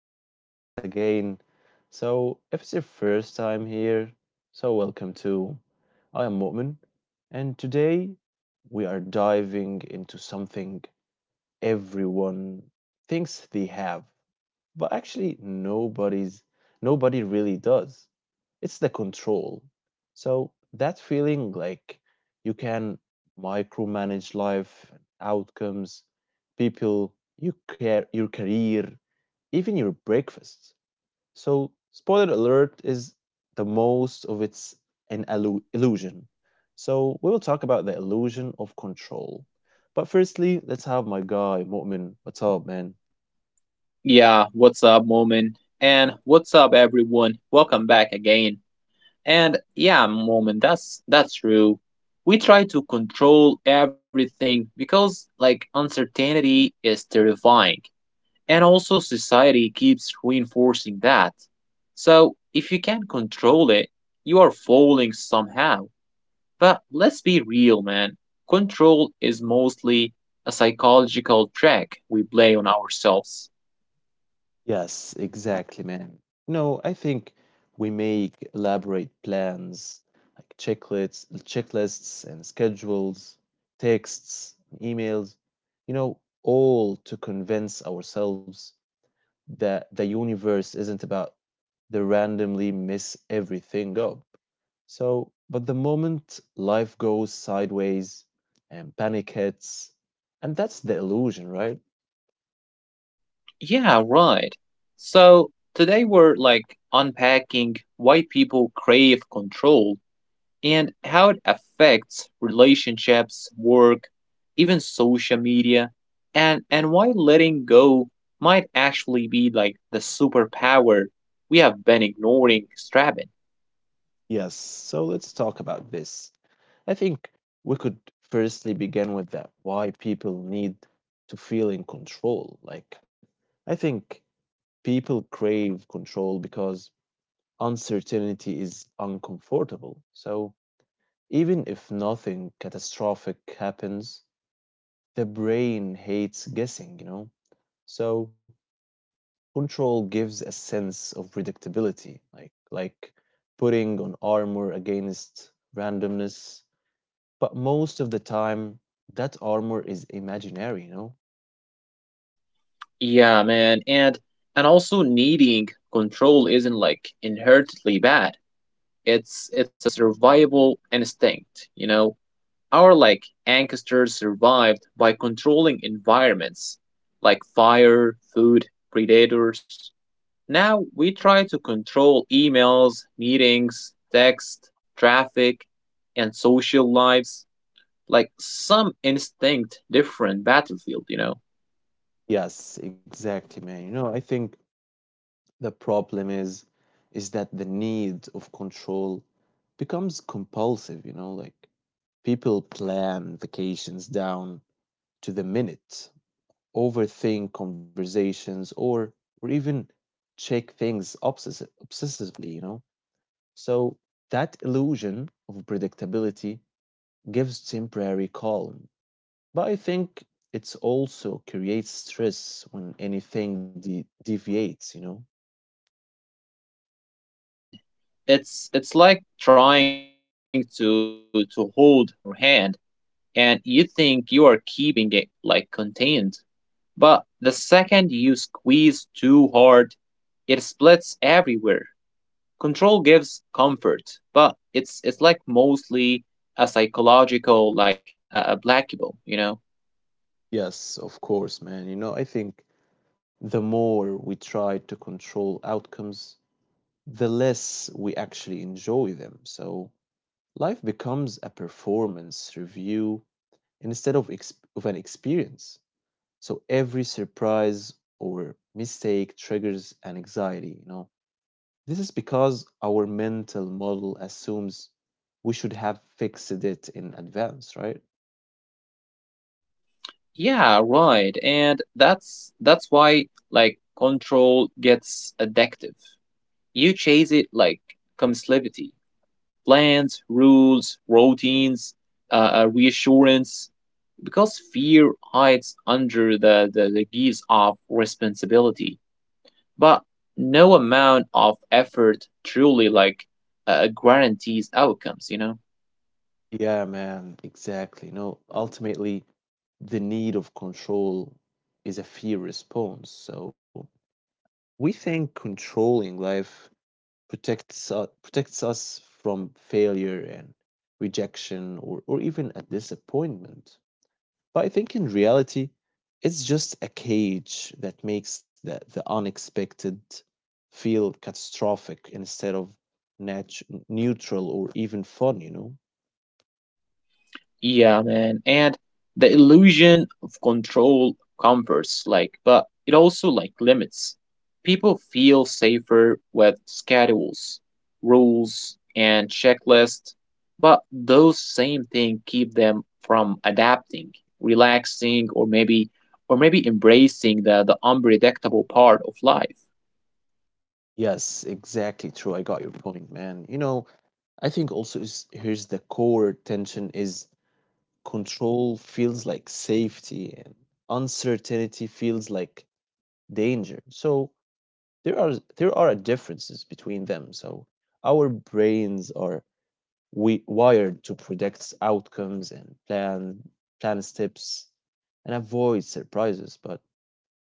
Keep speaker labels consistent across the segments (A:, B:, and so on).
A: to the podcast again. If it's your first time here, welcome too. I am Mu'min, and today we are diving into something everyone thinks they have, but actually nobody really does. It's the control. So that feeling like you can micromanage life, outcomes, people, you care, your career, even your breakfast. So, spoiler alert is the most of it's an illusion. So, we will talk about the illusion of control. But firstly, let's have my guy, Mu'min. What's up, man?
B: Yeah, what's up, Moment? And what's up, everyone? Welcome back again. And yeah, Moment, that's true. We try to control everything because like uncertainty is terrifying. And also society keeps reinforcing that. So, if you can't control it, you are falling somehow. But let's be real, man. Control is mostly a psychological trick we play on ourselves.
A: Yes, exactly, man. No, I think we make elaborate plans like checklists and schedules, texts, emails, you know, all to convince ourselves that the universe isn't about they randomly mess everything up. But the moment life goes sideways and panic hits, and that's the illusion, right?
B: Yeah, right. So today we're like unpacking why people crave control and how it affects relationships, work, even social media, and why letting go might actually be like the superpower we have been ignoring strapping.
A: Yes. So let's talk about this. I think we could firstly begin with that why people need to feel in control. Like, I think people crave control because uncertainty is uncomfortable. So, even if nothing catastrophic happens, the brain hates guessing, you know? So control gives a sense of predictability, like putting on armor against randomness. But most of the time, that armor is imaginary, you know?
B: Yeah, man, and also needing control isn't like inherently bad. It's a survival instinct, you know. Our like ancestors survived by controlling environments like fire, food, predators. Now we try to control emails, meetings, text, traffic, and social lives like some instinct different battlefield, you know.
A: Yes, exactly, man. You know, I think the problem is that the need of control becomes compulsive, you know, like people plan vacations down to the minute, overthink conversations or even check things obsessively, you know. So that illusion of predictability gives temporary calm. But I think it also creates stress when anything deviates, you know.
B: Yeah, man. It's like trying to hold water in your hand and you think you are keeping it like contained. But the second you squeeze too hard, it splits everywhere. Control gives comfort, but it's like mostly a psychological like a blackable, you know.
A: Yes, of course, man. You know, I think the more we try to control outcomes, the less we actually enjoy them. So life becomes a performance review instead of ex of an experience. So every surprise or mistake triggers an anxiety, you know. This is because our mental model assumes we should have fixed it in advance, right?
B: Yeah, right. And that's why like control gets addictive. You chase it like compulsivity, plans, rules, routines, reassurance, because fear hides under the guise of responsibility. But no amount of effort truly like guarantees outcomes, you know?
A: Yeah, man, exactly. You know, ultimately, the need of control is a fear response. So we think controlling life protects us from failure and rejection or even a disappointment. But I think in reality, it's just a cage that makes the unexpected feel catastrophic instead of neutral or even fun, you know?
B: Yeah, man. And the illusion of control comforts, like, but it also like limits. People feel safer with schedules, rules, and checklists, but those same things keep them from adapting, relaxing, or maybe embracing the unpredictable part of life.
A: Yes, exactly true. I got your point, man. You know, I think also is here's the core tension is control feels like safety and uncertainty feels like danger. So there are there are differences between them. So our brains are we wired to predict outcomes and plan steps and avoid surprises, but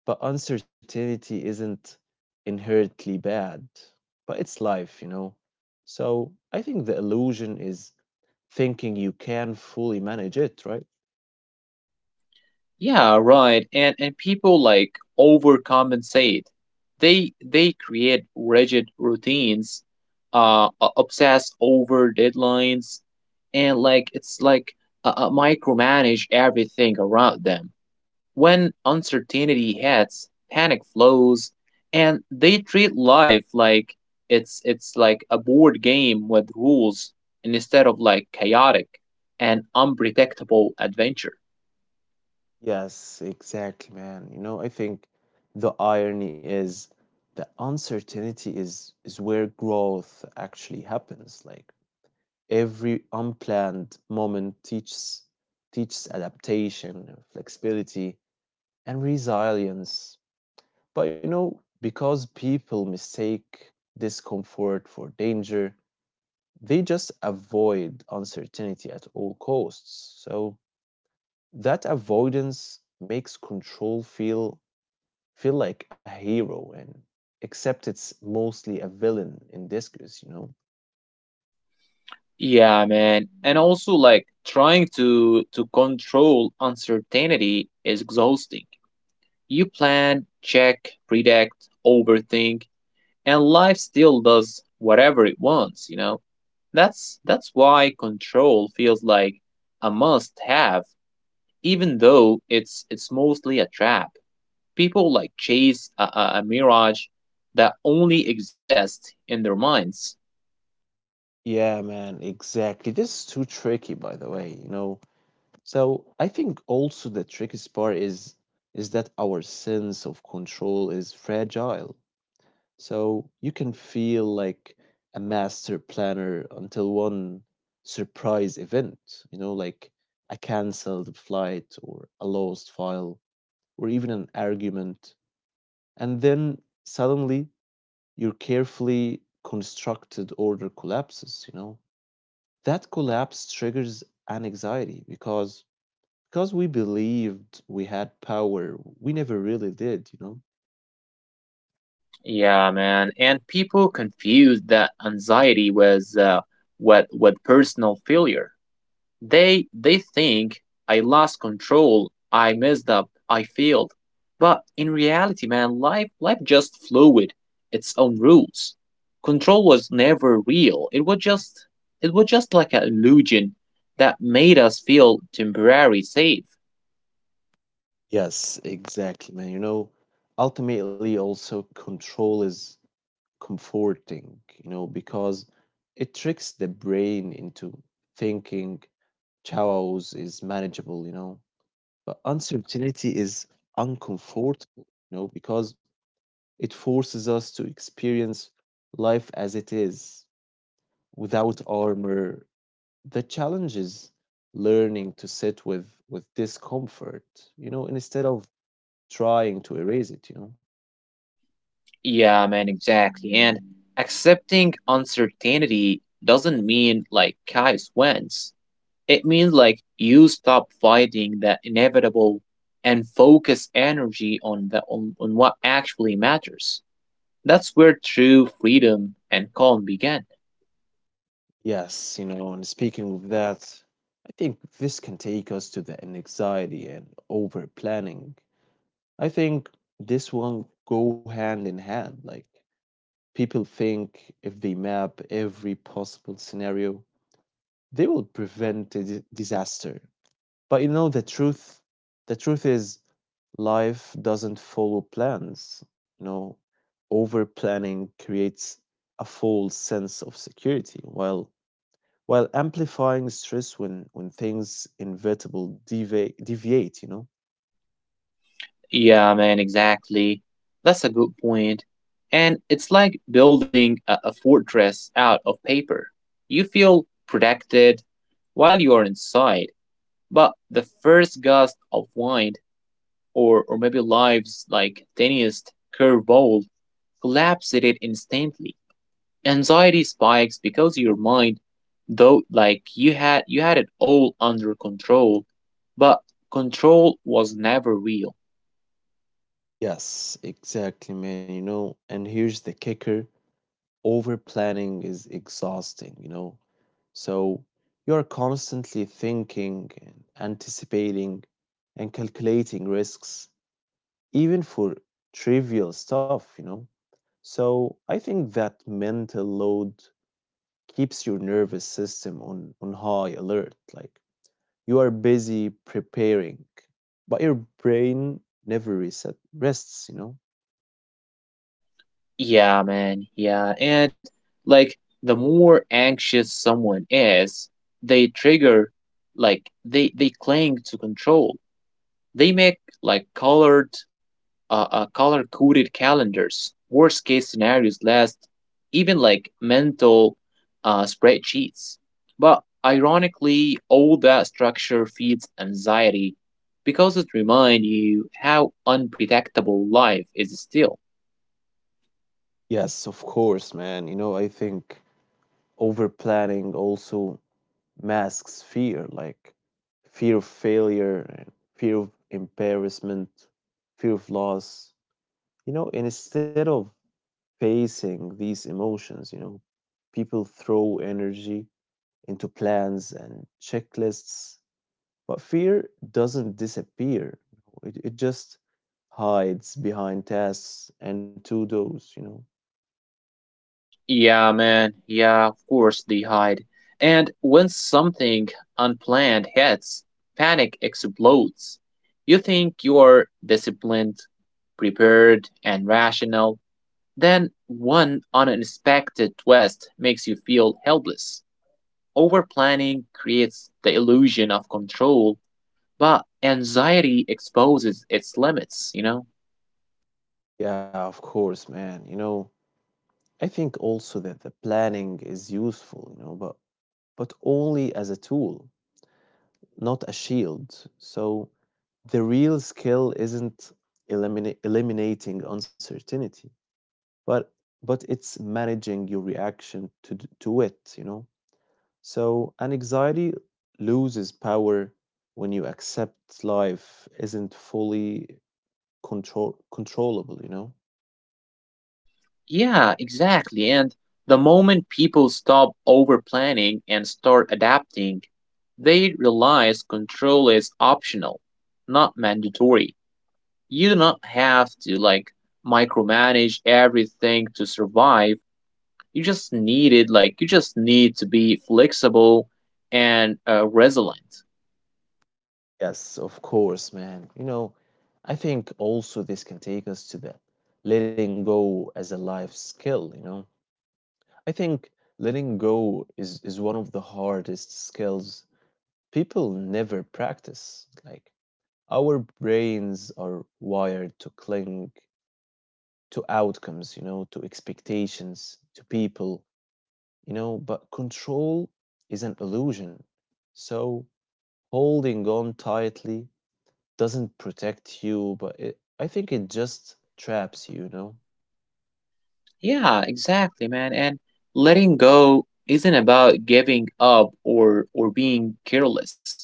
A: but uncertainty isn't inherently bad, but it's life, you know? So I think the illusion is thinking you can fully manage it, right?
B: Yeah, right. And people like overcompensate. They create rigid routines, obsess over deadlines, and like it's like micromanage everything around them. When uncertainty hits, panic flows, and they treat life like it's like a board game with rules instead of like chaotic and unpredictable adventure.
A: Yes, exactly, man. You know, I think the irony is that uncertainty is where growth actually happens. Like every unplanned moment teaches adaptation, flexibility, and resilience. But you know, because people mistake discomfort for danger, they just avoid uncertainty at all costs. So that avoidance makes control feel like a hero and except it's mostly a villain in disguise, you know?
B: Yeah, man. And also like trying to control uncertainty is exhausting. You plan, check, predict, overthink, and life still does whatever it wants, you know? That's why control feels like a must have, even though it's mostly a trap. People like chase a mirage that only exists in their minds.
A: Yeah, man, exactly. This is too tricky by the way, you know. So I think also the trickiest part is that our sense of control is fragile. So you can feel like a master planner until one surprise event, you know, like a cancelled flight or a lost file or even an argument. And then suddenly your carefully constructed order collapses, you know. That collapse triggers an anxiety because we believed we had power we never really did, you know.
B: Yeah, man. And people confuse that anxiety with with personal failure. They think I lost control, I messed up, I failed. But in reality, man, life just fluid, its own rules. Control was never real. It was just like an illusion that made us feel temporary safe.
A: Yes, exactly, man. You know, ultimately, also control is comforting, you know, because it tricks the brain into thinking chaos is manageable, you know. But uncertainty is uncomfortable, you know, because it forces us to experience life as it is without armor. The challenge is learning to sit with discomfort, you know, instead of trying to erase it, you know?
B: Yeah, man, exactly. And accepting uncertainty doesn't mean like chaos wins. It means like you stop fighting the inevitable and focus energy on on what actually matters. That's where true freedom and calm begin.
A: Yes, you know, and speaking of that, I think this can take us to the anxiety and over planning. I think this one go hand in hand. Like people think if they map every possible scenario, they will prevent a disaster. But you know the truth is life doesn't follow plans. You know, over planning creates a false sense of security while amplifying stress when things inevitable deviate, you know.
B: Yeah, man, exactly. That's a good point. And it's like building a fortress out of paper. You feel protected while you are inside. But the first gust of wind, or maybe life's like tiniest curveball, collapses it instantly. Anxiety spikes because your mind, though like you had it all under control, but control was never real.
A: Yes, exactly, man. You know, and here's the kicker, over planning is exhausting, you know. So you're constantly thinking and anticipating and calculating risks, even for trivial stuff, you know. So I think that mental load keeps your nervous system on high alert like you are busy preparing but your brain never reset rests, you know.
B: Yeah, man, yeah. And like the more anxious someone is, they trigger like they cling to control. They make like color coded calendars, worst case scenarios list, even like mental spreadsheets. But ironically, all that structure feeds anxiety because it reminds you how unpredictable life is still.
A: Yes, of course, man. You know, I think over planning also masks fear, like fear of failure and fear of embarrassment, fear of loss, you know. And instead of facing these emotions, you know, people throw energy into plans and checklists. But fear doesn't disappear. It just hides behind tasks and to-dos, you know?
B: Yeah, man. Yeah, of course they hide. And when something unplanned hits, panic explodes. You think you are disciplined, prepared, and rational. Then one unexpected twist makes you feel helpless. Overplanning creates the illusion of control, but anxiety exposes its limits, you know?
A: Yeah, of course, man. You know, I think also that the planning is useful, you know, but only as a tool, not a shield. So the real skill isn't eliminating uncertainty, but but it's managing your reaction to to it, you know? So, an anxiety loses power when you accept life isn't fully controllable, you know?
B: Yeah, exactly. And the moment people stop overplanning and start adapting, they realize control is optional, not mandatory. You do not have to like micromanage everything to survive. You just needed like you just need to be flexible and resilient.
A: Yes, of course, man. You know, I think also this can take us to the letting go as a life skill, you know? I think is one of the hardest skills people never practice. Like, our brains are wired to cling to outcomes, you know, to expectations, to people, you know, but control is an illusion. So holding on tightly doesn't protect you, but I think it just traps you, you know?
B: Yeah, exactly, man. And letting go isn't about giving up or being careless.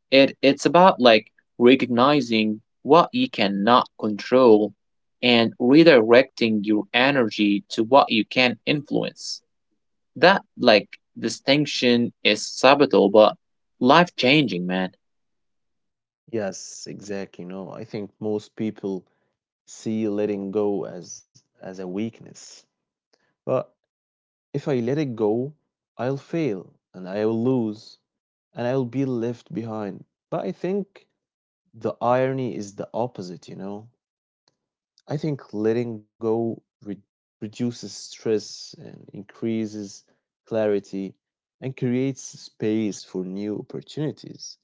B: It's about like recognizing what you cannot control and redirecting your energy to what you can influence. That like distinction is subtle but life changing, man.
A: Yes, exactly. You know, I think most people see letting go as a weakness. But if I let it go, I'll fail and I'll lose and I'll be left behind. But I think the irony is the opposite, you know? I think letting go reduces stress and increases clarity and creates space for new opportunities.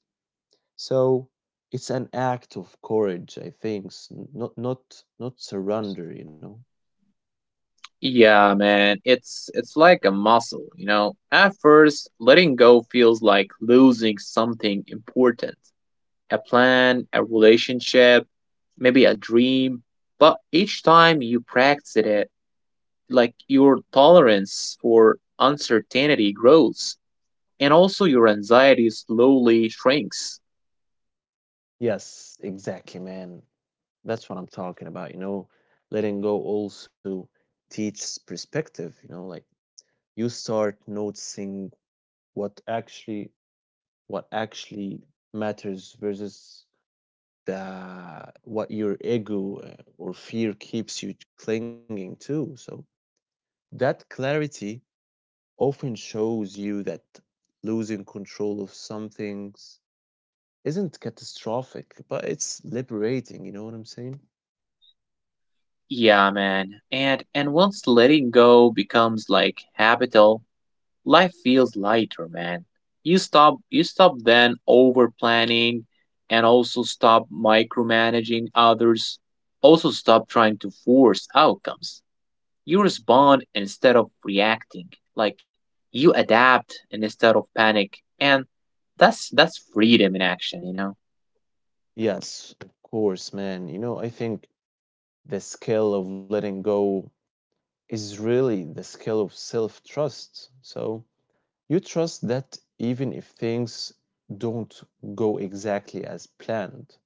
A: So it's an act of courage, I think, not surrender, you know?
B: Yeah, man, it's like a muscle, you know. At first, letting go feels like losing something important, a plan, a relationship, maybe a dream, but each time you practice it, like your tolerance for uncertainty grows and also your anxiety slowly shrinks.
A: Yes, exactly, man. That's what I'm talking about, you know? Letting go also teaches perspective, you know, like you start noticing what actually what actually matters versus the what your ego or fear keeps you clinging to. So that clarity often shows you that losing control of some things isn't catastrophic, but it's liberating, you know what I'm saying?
B: Yeah, man. And once letting go becomes like habitual, life feels lighter, man. You stop then over planning and also stop micromanaging others. Also stop trying to force outcomes. You respond instead of reacting. Like you adapt instead of panic. And that's freedom in action, you know?
A: Yes, of course, man. You know, I think the skill of letting go is really the skill of self trust. So you trust that even if things don't go exactly as planned.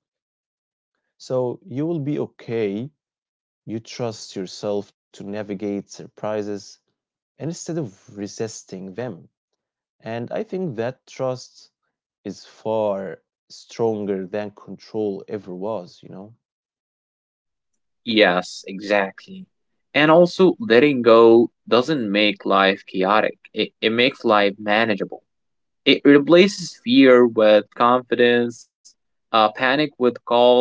A: So you will be okay. You trust yourself to navigate surprises instead of resisting them. And I think that trust is far stronger than control ever was, you know?
B: Yes, exactly. And also letting go doesn't make life chaotic. It makes life manageable. It replaces fear with confidence, panic with calm,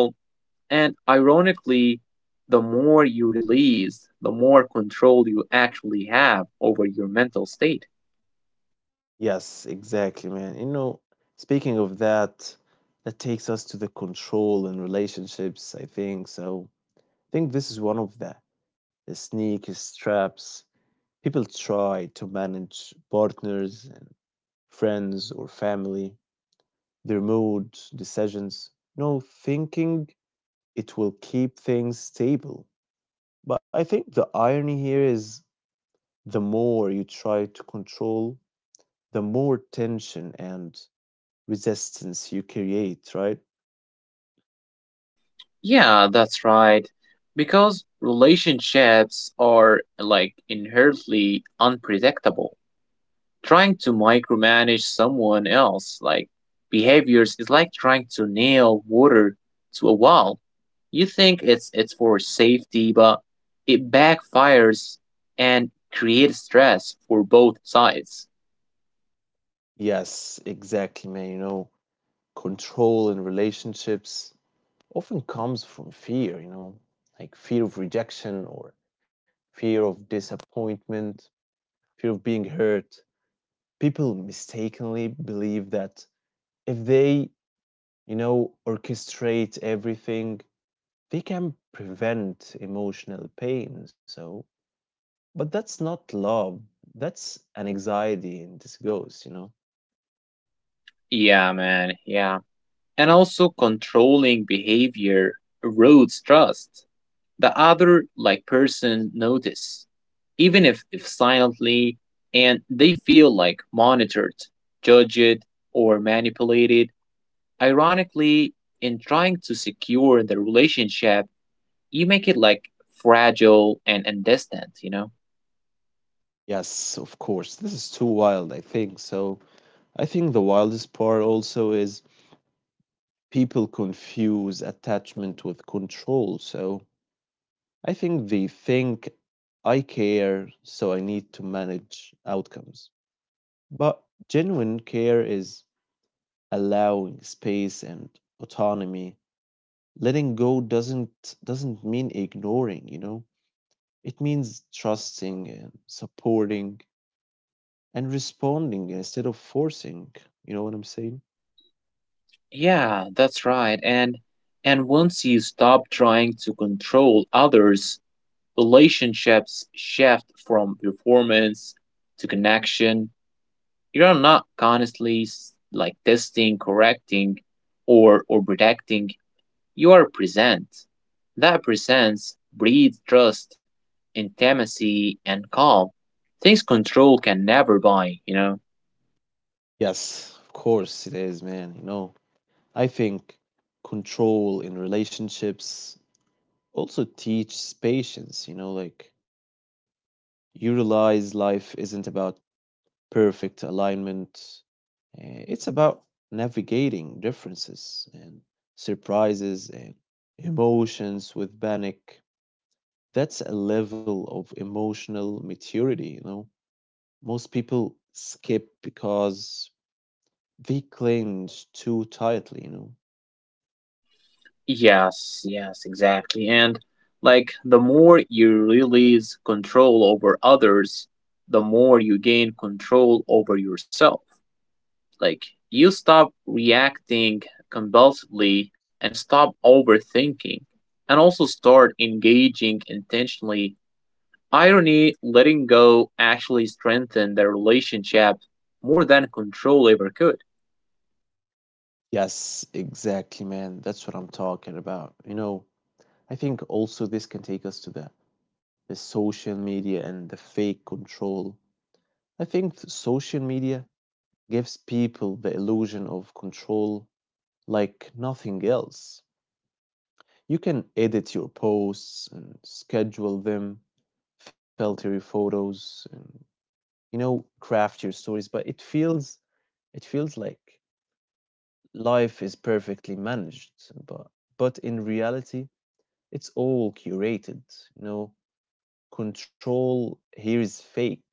B: and ironically, the more you release, the more control you actually have over your mental state.
A: Yes, exactly, man. You know, speaking of that, that takes us to the control in relationships, I think. So I think this is one of the sneaky traps, people try to manage partners and friends or family, their mood, decisions, no thinking it will keep things stable. But I think the irony here is the more you try to control, the more tension and resistance you create, right?
B: Yeah, that's right. Because relationships are like inherently unpredictable. Trying to micromanage someone else like behaviors is like trying to nail water to a wall. You think it's for safety, but it backfires and creates stress for both sides.
A: Yes, exactly, man. You know, control in relationships often comes from fear, you know, like fear of rejection or fear of disappointment, fear of being hurt. People mistakenly believe that if they, you know, orchestrate everything, they can prevent emotional pain. So, but that's not love. That's an anxiety in disguise, you know?
B: Yeah, man, yeah. And also controlling behavior erodes trust. The other like person notice, even if silently, and they feel like monitored, judged, or manipulated. Ironically, in trying to secure the relationship, you make it like fragile and, distant, you know.
A: Yes, of course. This is too wild, I think. So, I think the wildest part also is people confuse attachment with control. So I think they think I care, so I need to manage outcomes. But genuine care is allowing space and autonomy. Letting go doesn't mean ignoring, you know. It means trusting and supporting and responding instead of forcing. You know what I'm saying?
B: Yeah, that's right. And once you stop trying to control others, relationships shift from performance to connection. You're not constantly like testing, correcting, or protecting. You are present. That presence breeds trust, intimacy, and calm. Things control can never buy. You know.
A: Yes, of course it is, man. You know, I think control in relationships also teaches patience, you know, like you realize life isn't about perfect alignment, it's about navigating differences and surprises and emotions with panic. That's a level of emotional maturity, you know. Most people skip because they cling too tightly, you know.
B: Yes. Yes. Exactly. And like the more you release control over others, the more you gain control over yourself. Like you stop reacting compulsively and stop overthinking and also start engaging intentionally. Irony, letting go actually strengthened the relationship more than control ever could.
A: Yes, exactly, man. That's what I'm talking about. You know, I think also this can take us to the social media and the fake control. I think social media gives people the illusion of control like nothing else. You can edit your posts and schedule them, filter your photos, and you know, craft your stories, but it feels like life is perfectly managed, but but in reality it's all curated, you know. Control here is fake,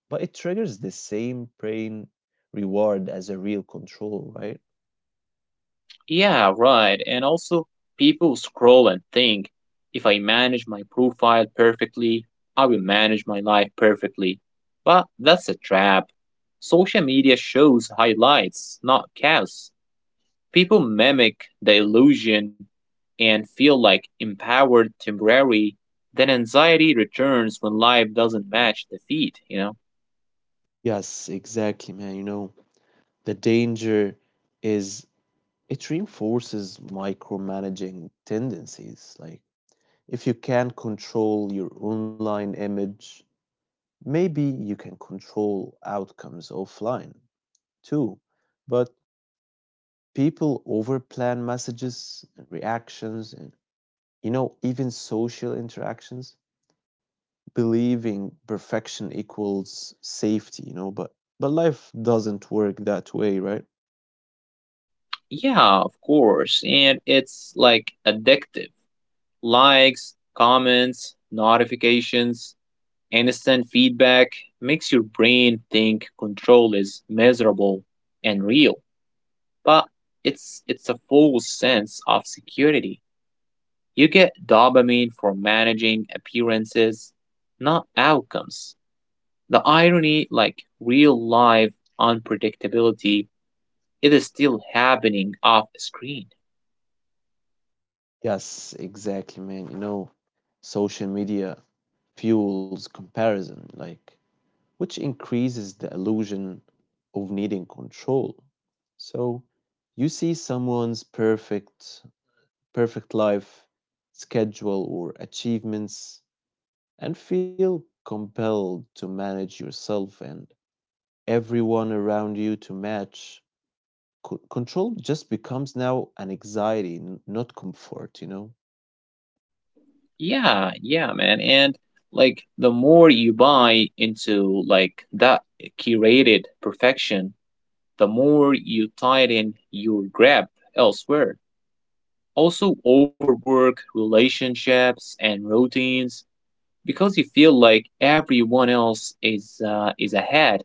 A: but it triggers the same brain reward as a real control, right?
B: Yeah, right. And also, people scroll and think if I manage my profile perfectly, I will manage my life perfectly. But that's a trap. Social media shows highlights, not chaos. People mimic the illusion and feel like empowered temporarily. Then anxiety returns when life doesn't match the feed, you know?
A: Yes, exactly, man. You know, the danger is it reinforces micromanaging tendencies. Like, if you can control your online image, maybe you can control outcomes offline too. But people overplan messages and reactions and you know, even social interactions, believing perfection equals safety, you know, but life doesn't work that way, right?
B: Yeah, of course. And it's like addictive. Likes, comments, notifications, instant feedback makes your brain think control is measurable and real. But it's a false sense of security. You get dopamine for managing appearances, not outcomes. The irony, like real life unpredictability, it is still happening off screen.
A: Yes, exactly, man. You know, social media fuels comparison, like which increases the illusion of needing control. So you see someone's perfect perfect life schedule or achievements and feel compelled to manage yourself and everyone around you to match. Control just becomes now an anxiety, not comfort, you know.
B: Yeah, man. And like the more you buy into like that curated perfection, the more you tighten your grip elsewhere. Also, overwork relationships and routines because you feel like everyone else is ahead,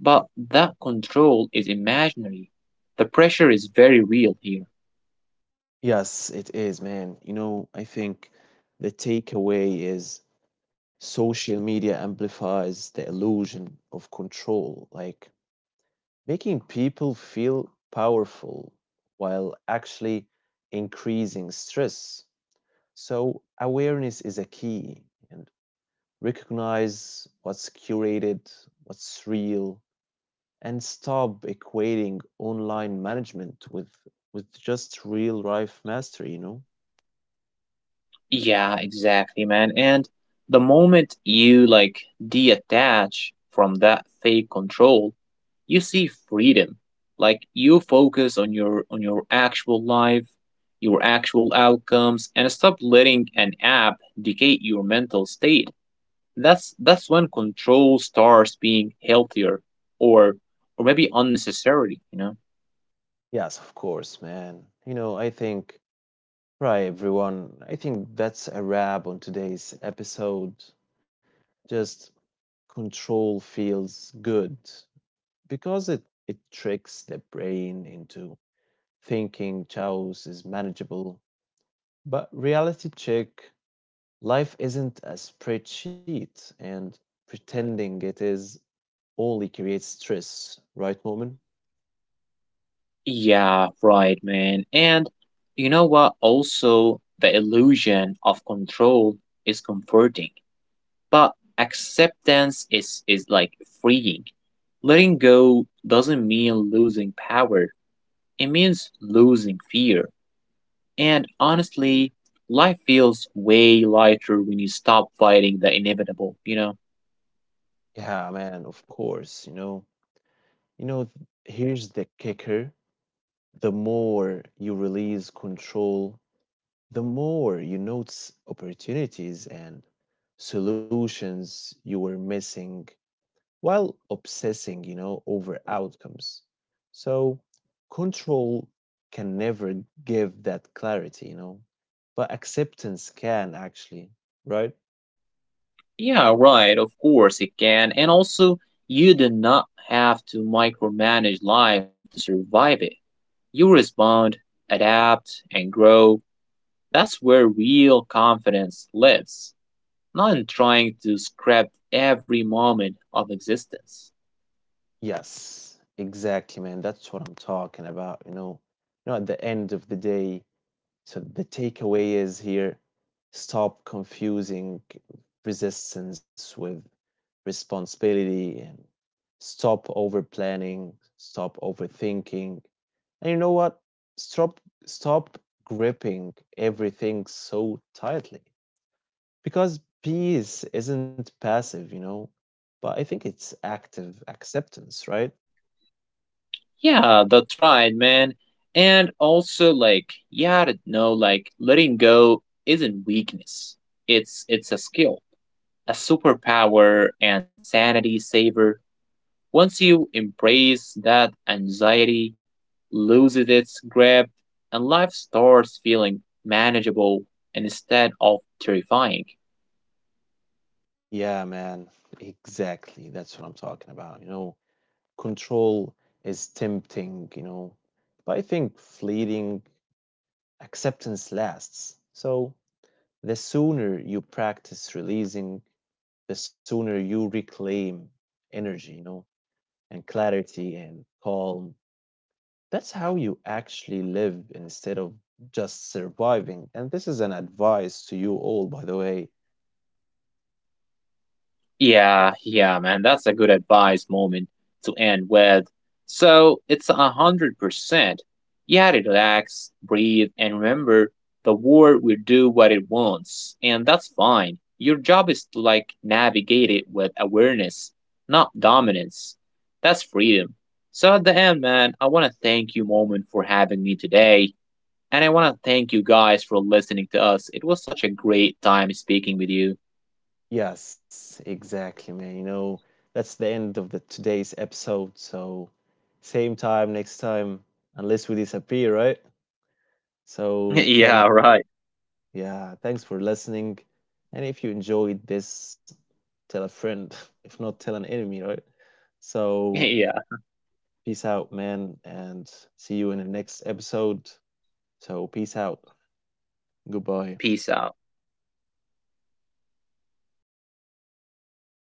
B: but that control is imaginary. The pressure is very real here.
A: Yes, it is, man. You know, I think the takeaway is social media amplifies the illusion of control, like making people feel powerful while actually increasing stress. So awareness is a key, and recognize what's curated, what's real, and stop equating online management with just real life mastery, you know.
B: Yeah, exactly, man. And the moment you like detach from that fake control, you see freedom. Like you focus on your actual life, your actual outcomes, and stop letting an app dictate your mental state. That's when control starts being healthier or or maybe unnecessarily, you know?
A: Yes, of course, man. You know, I think, right everyone, I think that's a wrap on today's episode. Just control feels good because it tricks the brain into thinking chaos is manageable. But reality check, life isn't a spreadsheet and pretending it is only creates stress, right, Moment?
B: Yeah, right, man. And you know what? Also, the illusion of control is comforting, but acceptance is like freeing. Letting go doesn't mean losing power. It means losing fear. And honestly, life feels way lighter when you stop fighting the inevitable, you know?
A: Yeah, man, of course. You know, here's the kicker. The more you release control, the more you notice opportunities and solutions you were missing while obsessing, you know, over outcomes. So control can never give that clarity, you know, but acceptance can actually, right?
B: Yeah, right. Of course it can. And also, you do not have to micromanage life to survive it. You respond, adapt, and grow. That's where real confidence lives, not in trying to script every moment of existence.
A: Yes, exactly, man. That's what I'm talking about. You know, at the end of the day, so the takeaway is here, stop confusing resistance with responsibility and stop over planning, stop overthinking. And you know what? Stop Stop gripping everything so tightly. Because peace isn't passive, you know, but I think it's active acceptance, right?
B: Yeah, that's right, man. And also, like, yeah, I don't know, like, letting go isn't weakness. It's a skill, a superpower, and sanity saver. Once you embrace that, anxiety loses its grip and life starts feeling manageable instead of terrifying.
A: Yeah, man. Exactly. That's what I'm talking about. You know, control is tempting, you know, but I think fleeting acceptance lasts. So the sooner you practice releasing, the sooner you reclaim energy, you know, and clarity and calm. That's how you actually live instead of just surviving. And this is an advice to you all, by the way.
B: Yeah, man, that's a good advice, Moment, to end with. So it's 100%. Yeah, relax, breathe, and remember the world will do what it wants, and that's fine. Your job is to like navigate it with awareness, not dominance. That's freedom. So at the end, man, I want to thank you, Moment, for having me today. And I want to thank you guys for listening to us. It was such a great time speaking with you.
A: Yes, exactly, man. You know, that's the end of the today's episode. So, same time next time, unless we disappear, right? So, thanks.
B: Yeah, right.
A: Yeah, thanks for listening. And if you enjoyed this, tell a friend. If not, tell an enemy, right? So,
B: Yeah.
A: peace out, man, and see you in the next episode. So, peace out. Goodbye.
B: Peace out.